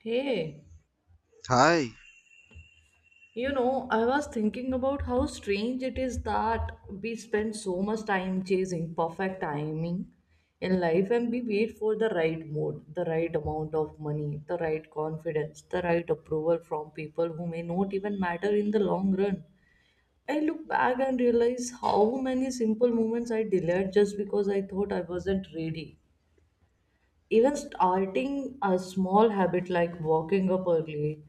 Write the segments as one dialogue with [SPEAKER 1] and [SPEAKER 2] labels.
[SPEAKER 1] Hey,
[SPEAKER 2] Hi.
[SPEAKER 1] you know, I was thinking about how strange it is that we spend so much time chasing perfect timing in life, and we wait for the right mood, the right amount of money, the right confidence, the right approval from people who may not even matter in the long run. I look back and realize how many simple moments I delayed just because I thought I wasn't ready. Even starting a small habit like walking up early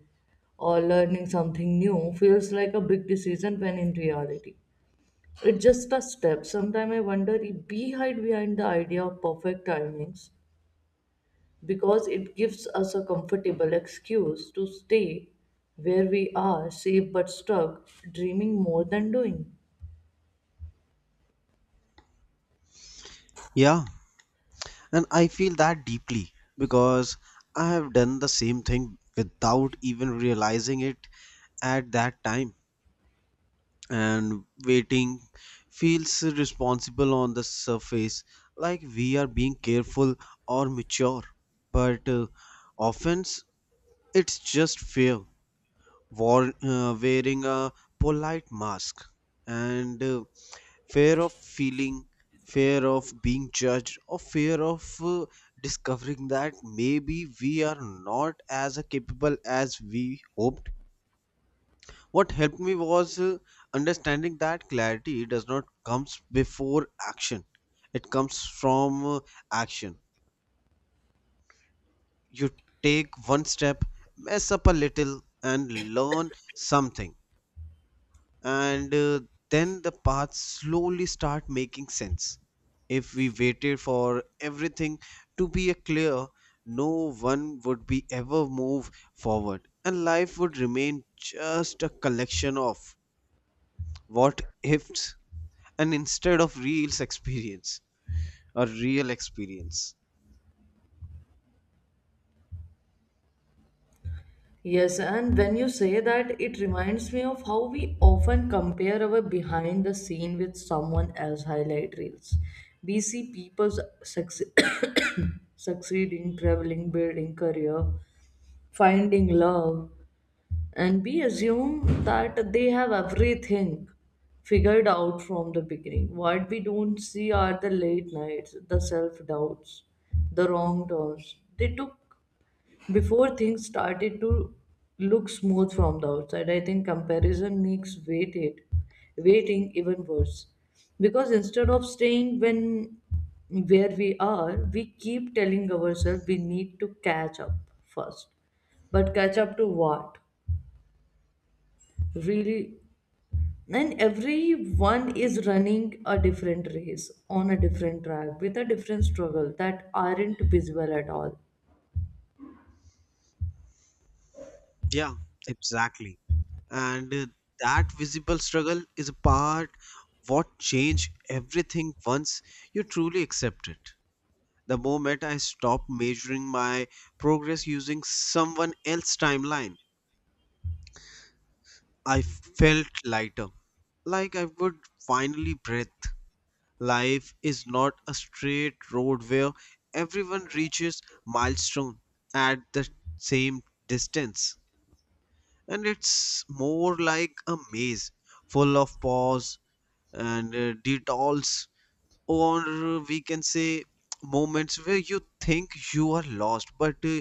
[SPEAKER 1] or learning something new feels like a big decision when in reality it's just a step. Sometimes I wonder if we hide behind the idea of perfect timings because it gives us a comfortable excuse to stay where we are, safe but stuck, dreaming more than doing.
[SPEAKER 2] Yeah, and I feel that deeply because I have done the same thing without even realizing it at that time. And waiting feels responsible on the surface, like we are being careful or mature. But offense, it's just fear, war, wearing a polite mask. And fear of feeling fear of being judged or fear of discovering that maybe we are not as capable as we hoped. What helped me was understanding that clarity does not comes before action. It comes from action. You take one step, mess up a little and learn something, and then the paths slowly start making sense. If we waited for everything to be clear, no one would be ever move forward and life would remain just a collection of what ifs and instead of real experience, a real experience.
[SPEAKER 1] Yes, and when you say that, it reminds me of how we often compare our behind the scene with someone else' highlight reels. We see people succeed, succeeding, traveling, building career, finding love, and we assume that they have everything figured out from the beginning. What we don't see are the late nights, the self doubts, the wrong turns. They took before things started to look smooth from the outside. I think comparison makes waited waiting even worse, because instead of staying when where we are, we keep telling ourselves we need to catch up first. But catch up to what, really? And everyone is running a different race on a different track with a different struggle that aren't visible at all.
[SPEAKER 2] Yeah, exactly, and that visible struggle is a part what change everything once you truly accept it. The moment I stopped measuring my progress using someone else's timeline, I felt lighter, like I would finally breathe. Life is not a straight road where everyone reaches milestone at the same distance, and it's more like a maze full of pause and detours, or we can say moments where you think you are lost, but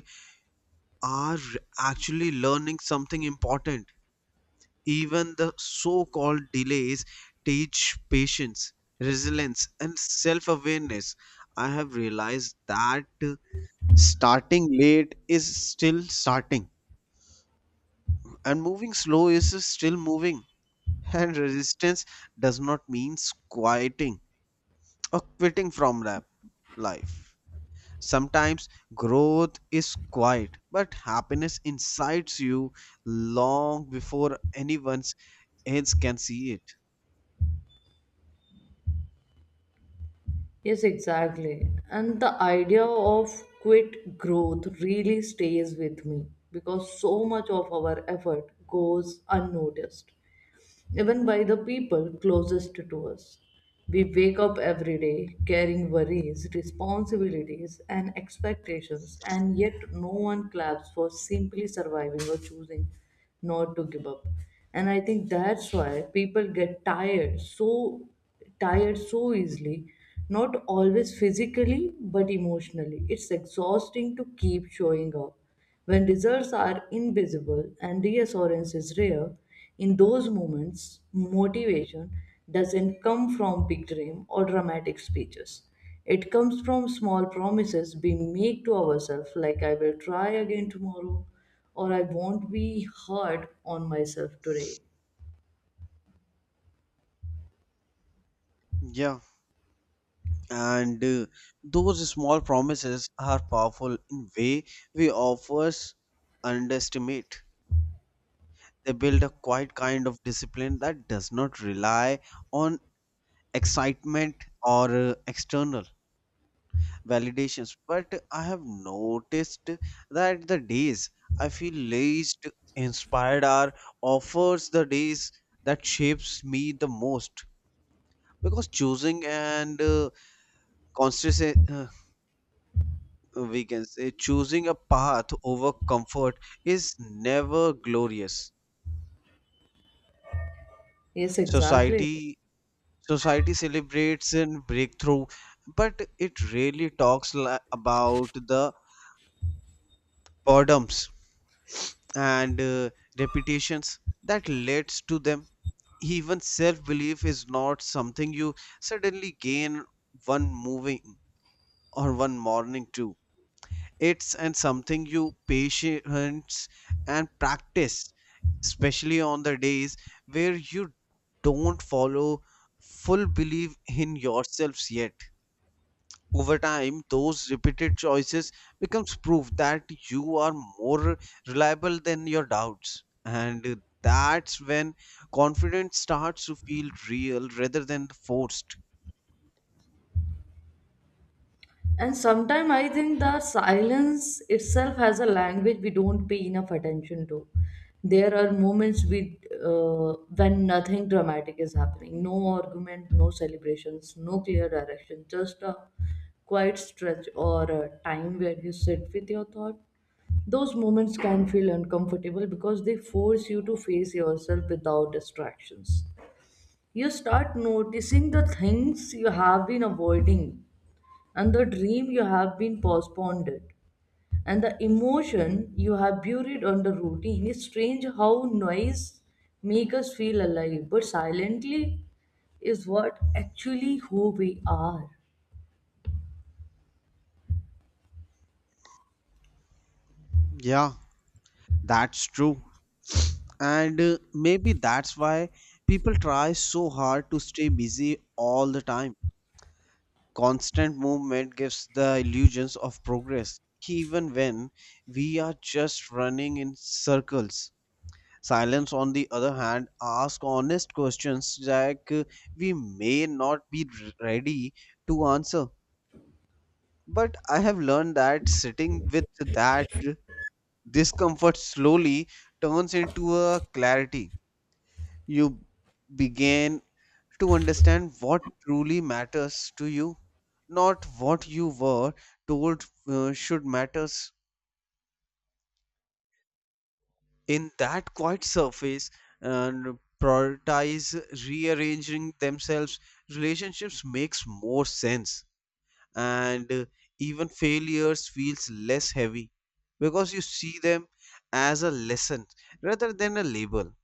[SPEAKER 2] are actually learning something important. Even the so called delays teach patience, resilience, and self awareness. I have realized that starting late is still starting, and moving slow is still moving, and resistance does not mean quieting or quitting from rap life. Sometimes growth is quiet, but happiness incites you long before anyone else can see it.
[SPEAKER 1] Yes, exactly. And the idea of quit growth really stays with me because so much of our effort goes unnoticed, even by the people closest to us. We wake up every day carrying worries, responsibilities, and expectations, and yet no one claps for simply surviving or choosing not to give up. And I think that's why people get tired so easily, not always physically but emotionally. It's exhausting to keep showing up when results are invisible and reassurance is rare. In those moments, motivation doesn't come from big dream or dramatic speeches. It comes from small promises we make to ourselves, like I will try again tomorrow, or I won't be hard on myself today.
[SPEAKER 2] Yeah, and those small promises are powerful in way we offers underestimate. They build a quiet kind of discipline that does not rely on excitement or external validations, but I have noticed that the days I feel least inspired are offers the days that shapes me the most, because choosing and conscious we can say choosing a path over comfort is never glorious.
[SPEAKER 1] Yes, exactly.
[SPEAKER 2] Society society celebrates and breakthrough, but it really talks about the boredoms and reputations that leads to them. Even self-belief is not something you suddenly gain one moving or one morning too. It's and something you patience and practice, especially on the days where you don't follow full belief in yourselves yet. Over time, those repeated choices becomes proof that you are more reliable than your doubts. And that's when confidence starts to feel real rather than forced.
[SPEAKER 1] And sometimes I think the silence itself has a language we don't pay enough attention to. There are moments with when nothing dramatic is happening, no argument, no celebrations, no clear direction, just a quiet stretch or a time where you sit with your thought. Those moments can feel uncomfortable because they force you to face yourself without distractions. You start noticing the things you have been avoiding, and the dream you have been postponed it, and the emotion you have buried under routine. It's strange how noise make us feel alive, but silently is what actually who we are.
[SPEAKER 2] Yeah, that's true. And maybe that's why people try so hard to stay busy all the time. Constant movement gives the illusions of progress, even when we are just running in circles. Silence, on the other hand, asks honest questions that we may not be ready to answer. But I have learned that sitting with that discomfort slowly turns into a clarity. You begin to understand what truly matters to you, not what you were told should matters. In that quiet surface and prioritize rearranging themselves, relationships makes more sense, and even failures feels less heavy because you see them as a lesson rather than a label.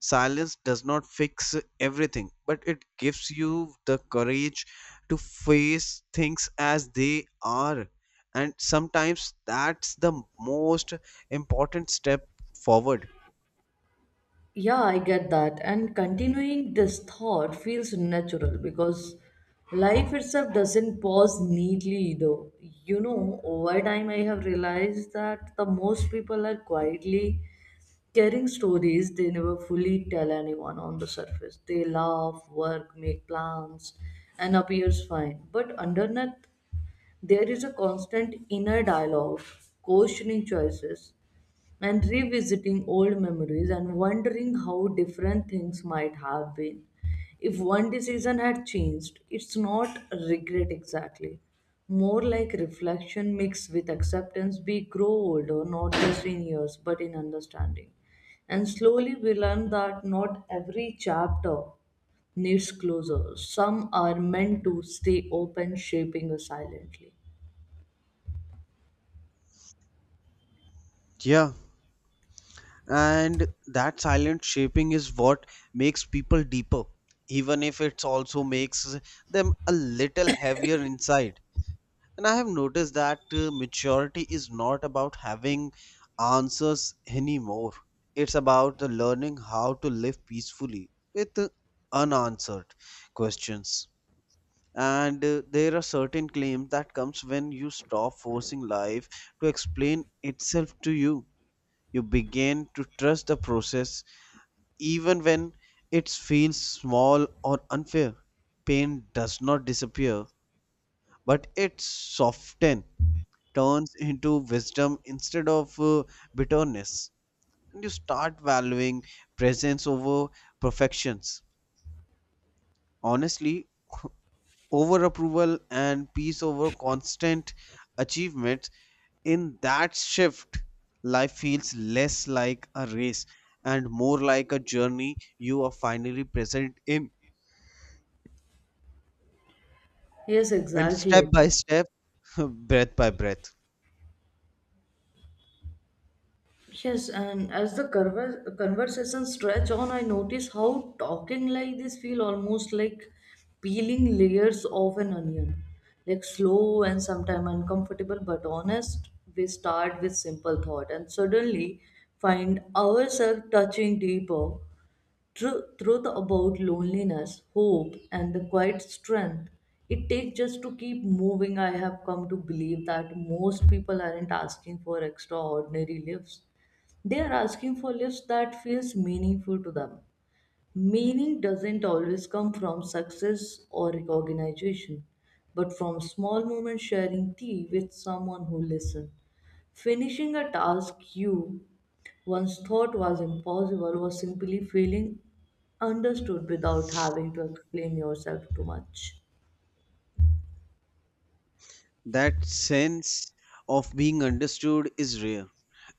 [SPEAKER 2] Silence does not fix everything, but it gives you the courage to face things as they are, and sometimes that's the most important step forward.
[SPEAKER 1] Yeah, I get that. And continuing this thought feels natural, because life itself doesn't pause neatly though. You know, over time I have realized that the most people are quietly caring stories they never fully tell anyone on the surface. They laugh, work, make plans, and appears fine. But underneath, there is a constant inner dialogue, questioning choices, and revisiting old memories and wondering how different things might have been. If one decision had changed, it's not regret exactly, more like reflection mixed with acceptance. We grow older, not just in years, but in understanding. And slowly we learn that not every chapter needs closure. Some are meant to stay open, shaping us silently.
[SPEAKER 2] Yeah, and that silent shaping is what makes people deeper, even if it also makes them a little heavier inside. And I have noticed that maturity is not about having answers anymore. It's about the learning how to live peacefully with unanswered questions. And there are certain claims that comes when you stop forcing life to explain itself to you. You begin to trust the process even when it feels small or unfair. Pain does not disappear, but it softens, turns into wisdom instead of bitterness. And you start valuing presence over perfections. Honestly, over approval and peace over constant achievements. In that shift, life feels less like a race and more like a journey you are finally present in,
[SPEAKER 1] Yes,
[SPEAKER 2] and
[SPEAKER 1] exactly.
[SPEAKER 2] step by step, breath by breath.
[SPEAKER 1] Yes, and as the conversation stretch on, I notice how talking like this feel almost like peeling layers of an onion, like slow and sometimes uncomfortable but honest. We start with simple thought and suddenly find ourselves touching deeper truth about loneliness, hope, and the quiet strength it takes just to keep moving. I have come to believe that most people aren't asking for extraordinary lives. They are asking for lives that feels meaningful to them. Meaning doesn't always come from success or recognition, but from small moments sharing tea with someone who listened. Finishing a task you once thought was impossible was simply feeling understood without having to explain yourself too much.
[SPEAKER 2] That sense of being understood is rare,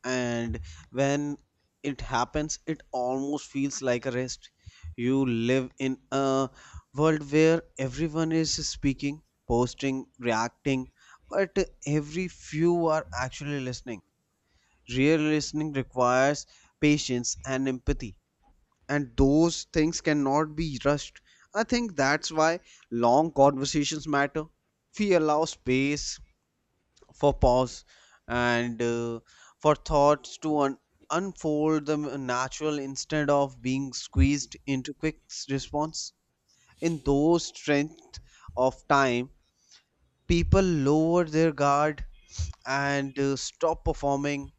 [SPEAKER 2] and when it happens it almost feels like a rest. You live in a world where everyone is speaking, posting, reacting, but every few are actually listening. Real listening requires patience and empathy, and those things cannot be rushed. I think that's why long conversations matter. We allow space for pause and for thoughts to unfold the natural, instead of being squeezed into quick response. In those strength of time, people lower their guard and stop performing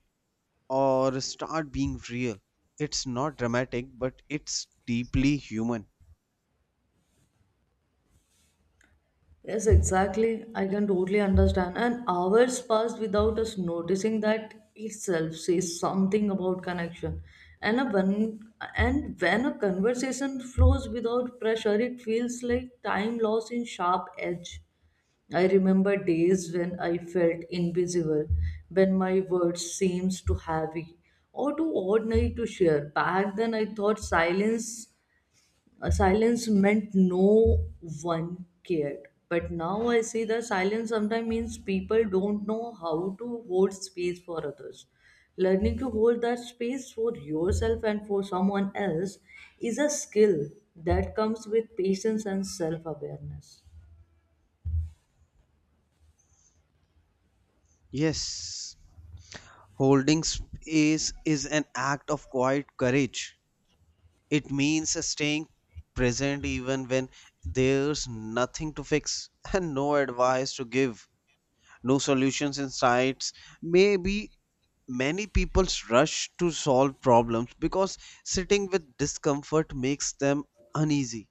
[SPEAKER 2] or start being real. It's not dramatic, but it's deeply human.
[SPEAKER 1] Yes, exactly. I can totally understand. And hours passed without us noticing that itself says something about connection. And a when and when a conversation flows without pressure, it feels like time lost in sharp edge. I remember days when I felt invisible, when my words seemed too heavy or too ordinary to share. Back then, I thought silence a silence meant no one cared. But now I see that silence sometimes means people don't know how to hold space for others. Learning to hold that space for yourself and for someone else is a skill that comes with patience and self awareness.
[SPEAKER 2] Yes, holding space is an act of quiet courage. It means staying present even when there's nothing to fix and no advice to give, no solutions in sight. Maybe many people rush to solve problems because sitting with discomfort makes them uneasy,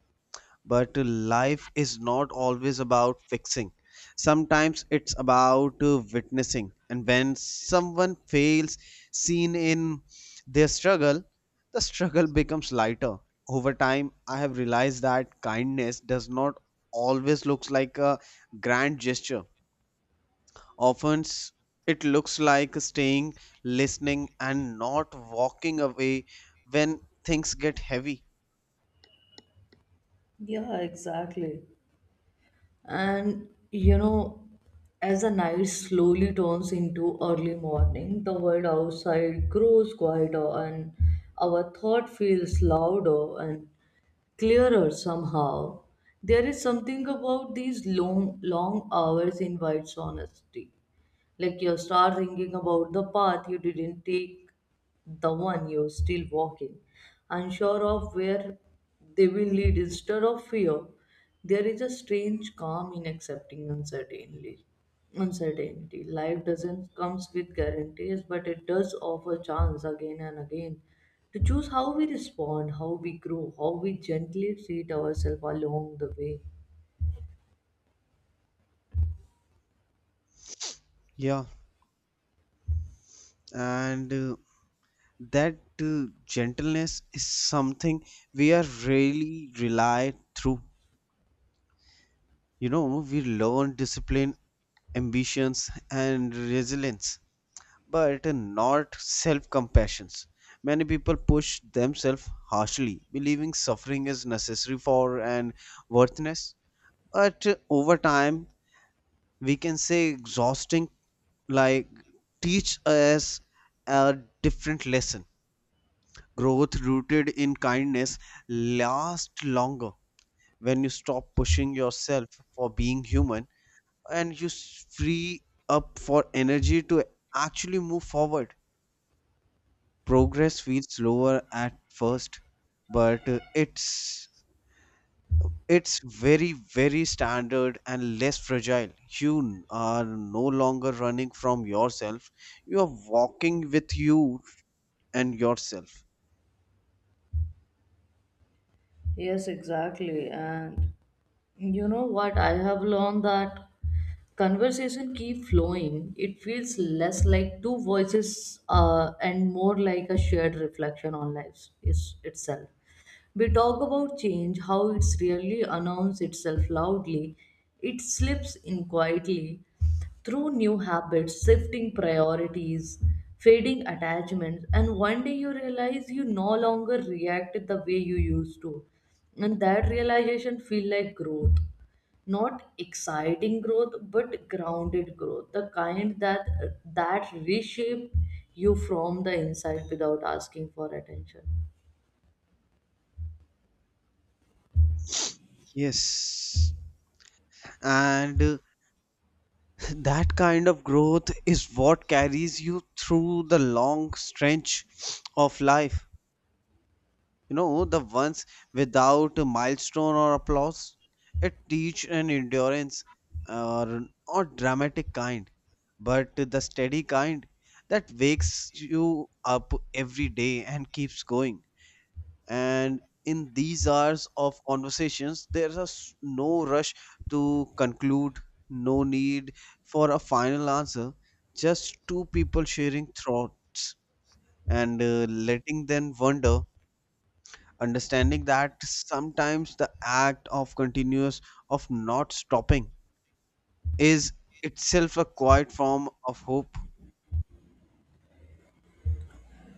[SPEAKER 2] but life is not always about fixing. Sometimes it's about witnessing, and when someone fails seen in their struggle, the struggle becomes lighter. Over time I have realized that kindness does not always looks like a grand gesture. Often it looks like staying, listening, and not walking away when things get heavy.
[SPEAKER 1] Yeah, exactly. And you know, as the night slowly turns into early morning, the world outside grows quieter and our thought feels louder and clearer somehow. There is something about these long long hours invites honesty, like you start thinking about the path you didn't take, the one you're still walking, unsure of where they will lead instead of fear. There is a strange calm in accepting uncertainty. Uncertainty. Life doesn't comes with guarantees, but it does offer chance again and again to choose how we respond, how we grow, how we gently treat ourselves along the way.
[SPEAKER 2] Yeah, and that gentleness is something we are really rely through. You know, we learn discipline, ambitions, and resilience, but not self-compassions. Many people push themselves harshly believing suffering is necessary for and worthless, but over time we can say exhausting like teach us a different lesson. Growth rooted in kindness lasts longer. When you stop pushing yourself for being human, and you free up for energy to actually move forward. Progress feels slower at first, but it's very very standard and less fragile. You are no longer running from yourself. You are walking with you and yourself.
[SPEAKER 1] Yes, exactly. And you know what? I have learned that conversation keep flowing. It feels less like two voices and more like a shared reflection on lives is itself. We talk about change, how it's really announced itself loudly. It slips in quietly through new habits, shifting priorities, fading attachments, and one day you realize you no longer react the way you used to. And that realization feel like growth. Not exciting growth, but grounded growth. The kind that reshape you from the inside without asking for attention.
[SPEAKER 2] Yes. And that kind of growth is what carries you through the long stretch of life. You know, the ones without a milestone or applause. It teach an endurance or dramatic kind, but the steady kind that wakes you up every day and keeps going. And in these hours of conversations there's no rush to conclude, no need for a final answer, just two people sharing thoughts and letting them wonder, understanding that sometimes the act of continuous of not stopping is itself a quiet form of hope.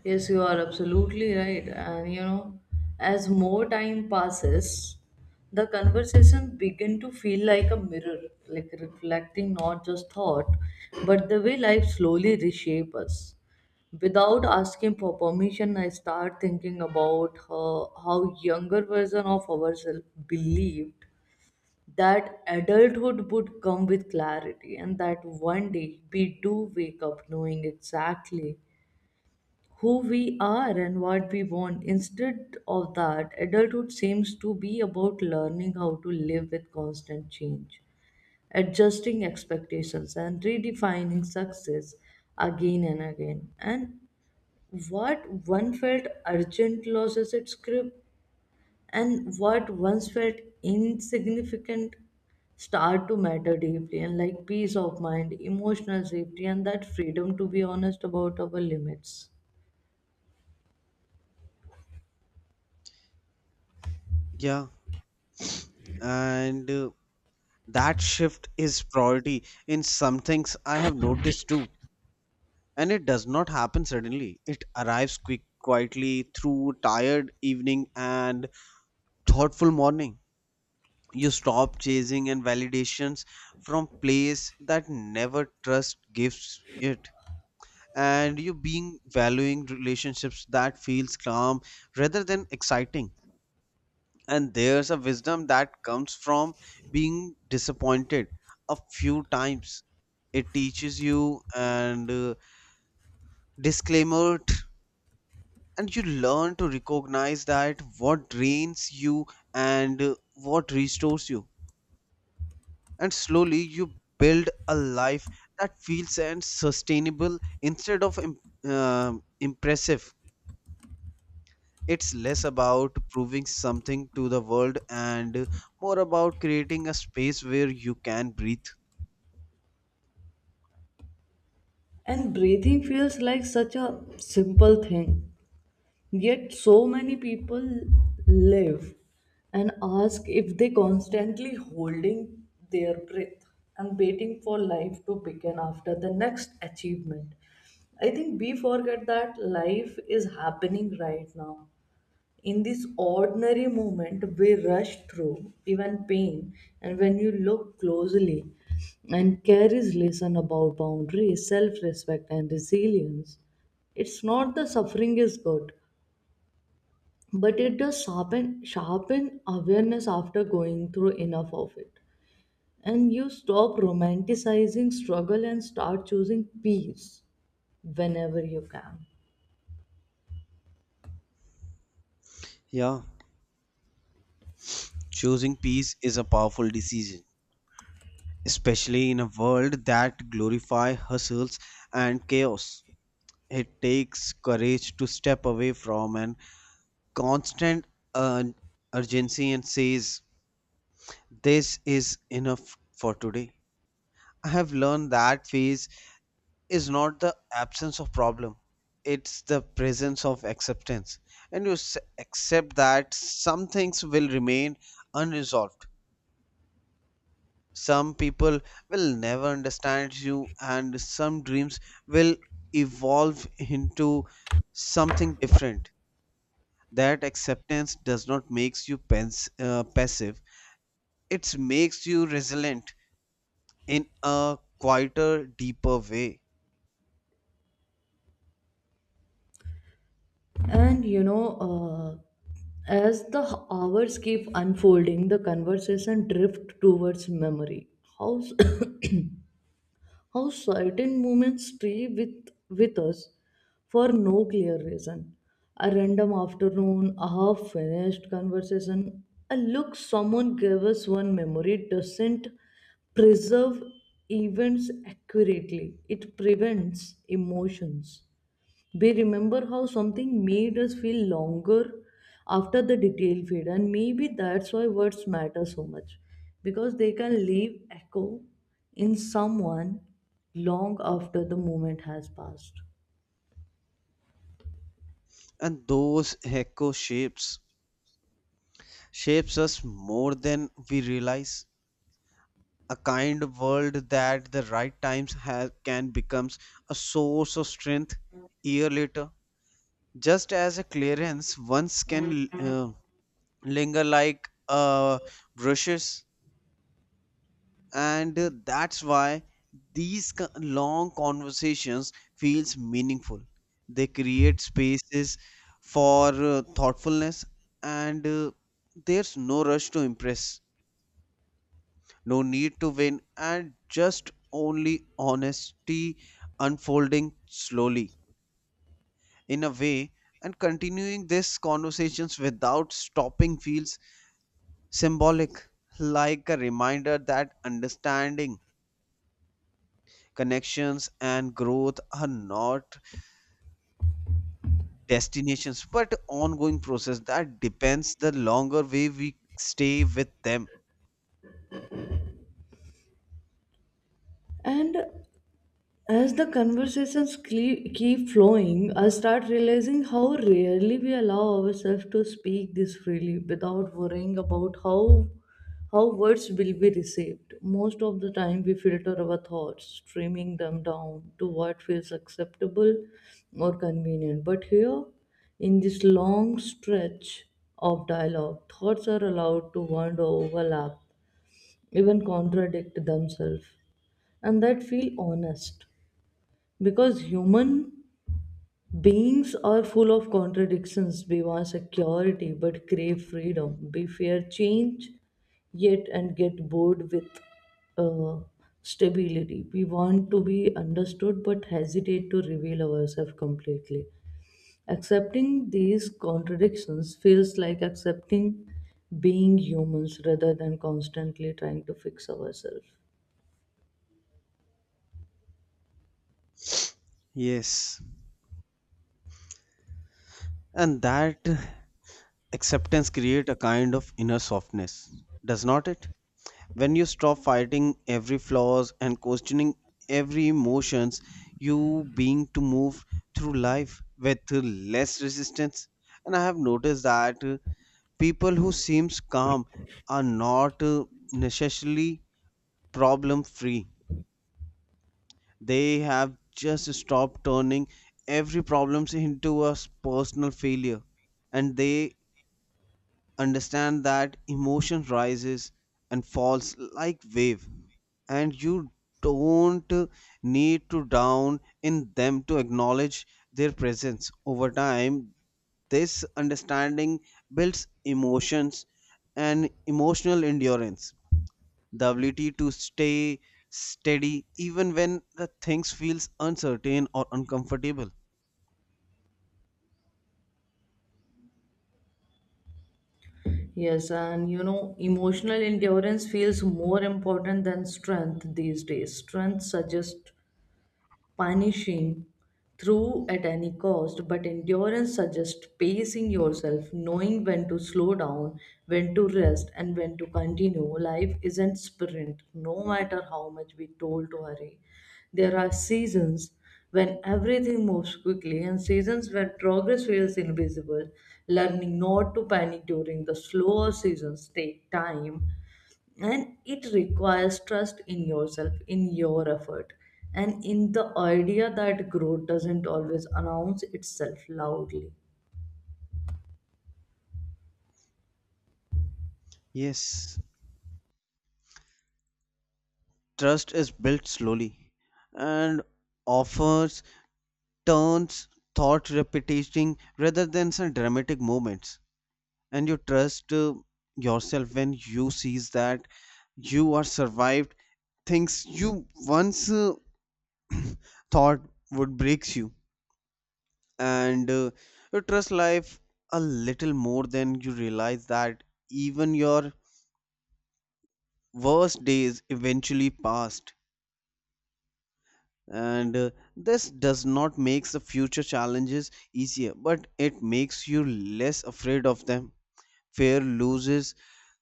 [SPEAKER 1] Yes, you are absolutely right. And you know, as more time passes, the conversation begin to feel like a mirror, like reflecting not just thought, but the way life slowly reshape us. Without asking for permission, I start thinking about how younger version of ourselves believed that adulthood would come with clarity, and that one day we do wake up knowing exactly who we are and what we want. Instead of that, adulthood seems to be about learning how to live with constant change, adjusting expectations, and redefining success again and again. And what one felt urgent loses its grip, and what once felt insignificant start to matter deeply, and like peace of mind, emotional safety, and that freedom to be honest about our limits.
[SPEAKER 2] Yeah, and that shift is priority in some things I have noticed too, and it does not happen suddenly. It arrives quietly through tired evening and thoughtful morning. You stop chasing and validations from place that never trust gives it, and you being valuing relationships that feels calm rather than exciting. And there's a wisdom that comes from being disappointed a few times. It teaches you and disclaimer, and you learn to recognize that what drains you and what restores you, and slowly you build a life that feels and sustainable instead of um impressive. It's less about proving something to the world and more about creating a space where you can breathe.
[SPEAKER 1] And breathing feels like such a simple thing, yet so many people live and ask if they constantly holding their breath and waiting for life to begin after the next achievement. I think we forget that life is happening right now, in this ordinary moment we rush through even pain. And when you look closely and carries lesson about boundaries, self-respect, and resilience, it's not the suffering is good, but it does sharpen awareness. After going through enough of it, and you stop romanticizing struggle and start choosing peace whenever you can.
[SPEAKER 2] Yeah, choosing peace is a powerful decision, especially in a world that glorifies hustles and chaos. It takes courage to step away from an constant uh, urgency and says, this is enough for today. I have learned that phase is not the absence of problem, it's the presence of acceptance. And you accept that some things will remain unresolved. Some people will never understand you, and some dreams will evolve into something different. That acceptance does not makes you passive, it makes you resilient in a quieter deeper way.
[SPEAKER 1] And you know, as the hours keep unfolding, the conversation drift towards memory. How, s- how certain moments stay with us for no clear reason. A random afternoon, a half finished conversation, a look someone gave us. One memory doesn't preserve events accurately, it prevents emotions. We remember how something made us feel longer after the detail fade, and maybe that's why words matter so much, because they can leave echo in someone long after the moment has passed.
[SPEAKER 2] And those echo shapes us more than we realize. A kind world that the right times has, can becomes a source of strength year later, just as a clearance once can linger like brushes. And that's why these long conversations feels meaningful. They create spaces for thoughtfulness, and there's no rush to impress, no need to win, and just only honesty unfolding slowly in a way. And continuing these conversations without stopping feels symbolic, like a reminder that understanding, connections, and growth are not destinations but ongoing process that depends the longer way we stay with them.
[SPEAKER 1] And as the keep flowing, I start realizing how rarely we allow ourselves to speak this freely without worrying about how words will be received. Most of the time, we filter our thoughts, streaming them down to what feels acceptable or convenient. But here, in this long stretch of dialogue, thoughts are allowed to wander, overlap, even contradict themselves, and that feel honest. Because human beings are full of contradictions, we want security but crave freedom, we fear change yet and get bored with uh, stability, we want to be understood but hesitate to reveal ourselves completely. Accepting these contradictions feels like accepting being humans rather than constantly trying to fix ourselves.
[SPEAKER 2] Yes, and that acceptance create a kind of inner softness, does not it? When you stop fighting every flaws and questioning every emotions, you being to move through life with less resistance. And I have noticed that people who seems calm are not necessarily problem free. They have just stopped turning every problems into a personal failure, and they understand that emotion rises and falls like wave, and you don't need to down in them to acknowledge their presence. Over time this understanding builds emotions and emotional endurance, the ability to stay steady even when the things feels uncertain or uncomfortable.
[SPEAKER 1] Yes, and you know, emotional endurance feels more important than strength these days. Strength suggests punishing through at any cost, but endurance suggests pacing yourself, knowing when to slow down, when to rest, and when to continue. Life isn't sprint, no matter how much we told to hurry. There are seasons when everything moves quickly and seasons where progress feels invisible. Learning not to panic during the slower seasons take time, and it requires trust in yourself, in your effort, and in the idea that growth doesn't always announce itself loudly.
[SPEAKER 2] Yes, trust is built slowly and offers turns, thought repetition rather than some dramatic moments. And you trust yourself when you sees that you are survived things you once thought would breaks you. And you trust life a little more than you realize that even your worst days eventually passed. And this does not make the future challenges easier, but it makes you less afraid of them. Fear loses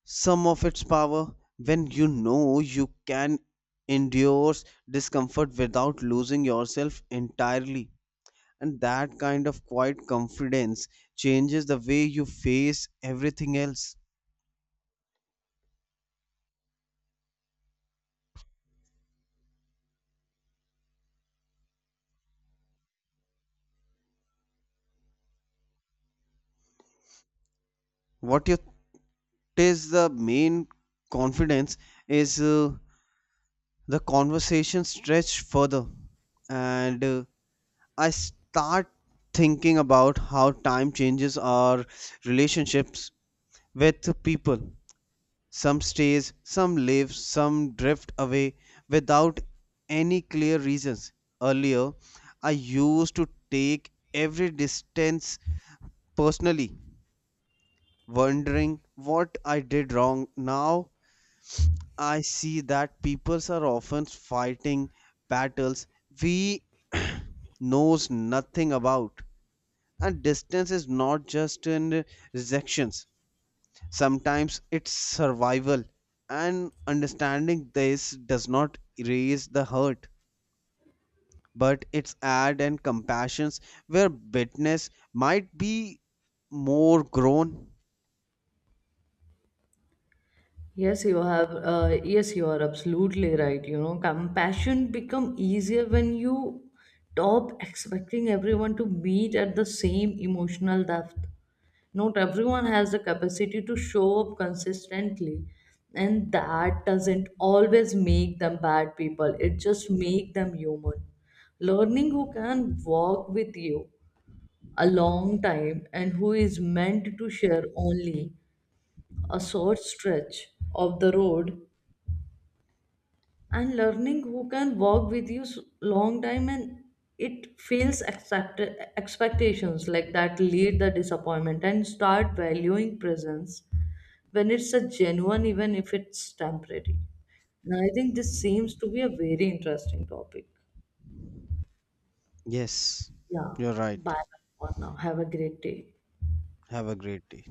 [SPEAKER 2] some of its power when you know you can endure discomfort without losing yourself entirely. And that kind of quiet confidence changes the way you face everything else. What you is the main confidence is the conversation stretched further, and I start thinking about how time changes our relationships with people. Some stays, some live, some drift away without any clear reasons. Earlier, I used to take every distance personally, wondering what I did wrong. Now I see that peoples are often fighting battles we knows nothing about. And distance is not just in rejections, sometimes it's survival, and understanding this does not erase the hurt, but it's add and compassions where bitterness might be more grown.
[SPEAKER 1] Yes, you are absolutely right. You know, compassion become easier when you stop expecting everyone to meet at the same emotional depth. Not everyone has the capacity to show up consistently, and that doesn't always make them bad people, it just make them human. Learning who can walk with you a long time and who is meant to share only a short stretch of the road, and learning who can walk with you long time, and it fails expectations like that lead the disappointment and start valuing presence when it's a genuine, even if it's temporary. Now, I think this seems to be a very interesting topic.
[SPEAKER 2] Yes,
[SPEAKER 1] Yeah.
[SPEAKER 2] you're right.
[SPEAKER 1] Bye for now. Have a great day.
[SPEAKER 2] Have a great day.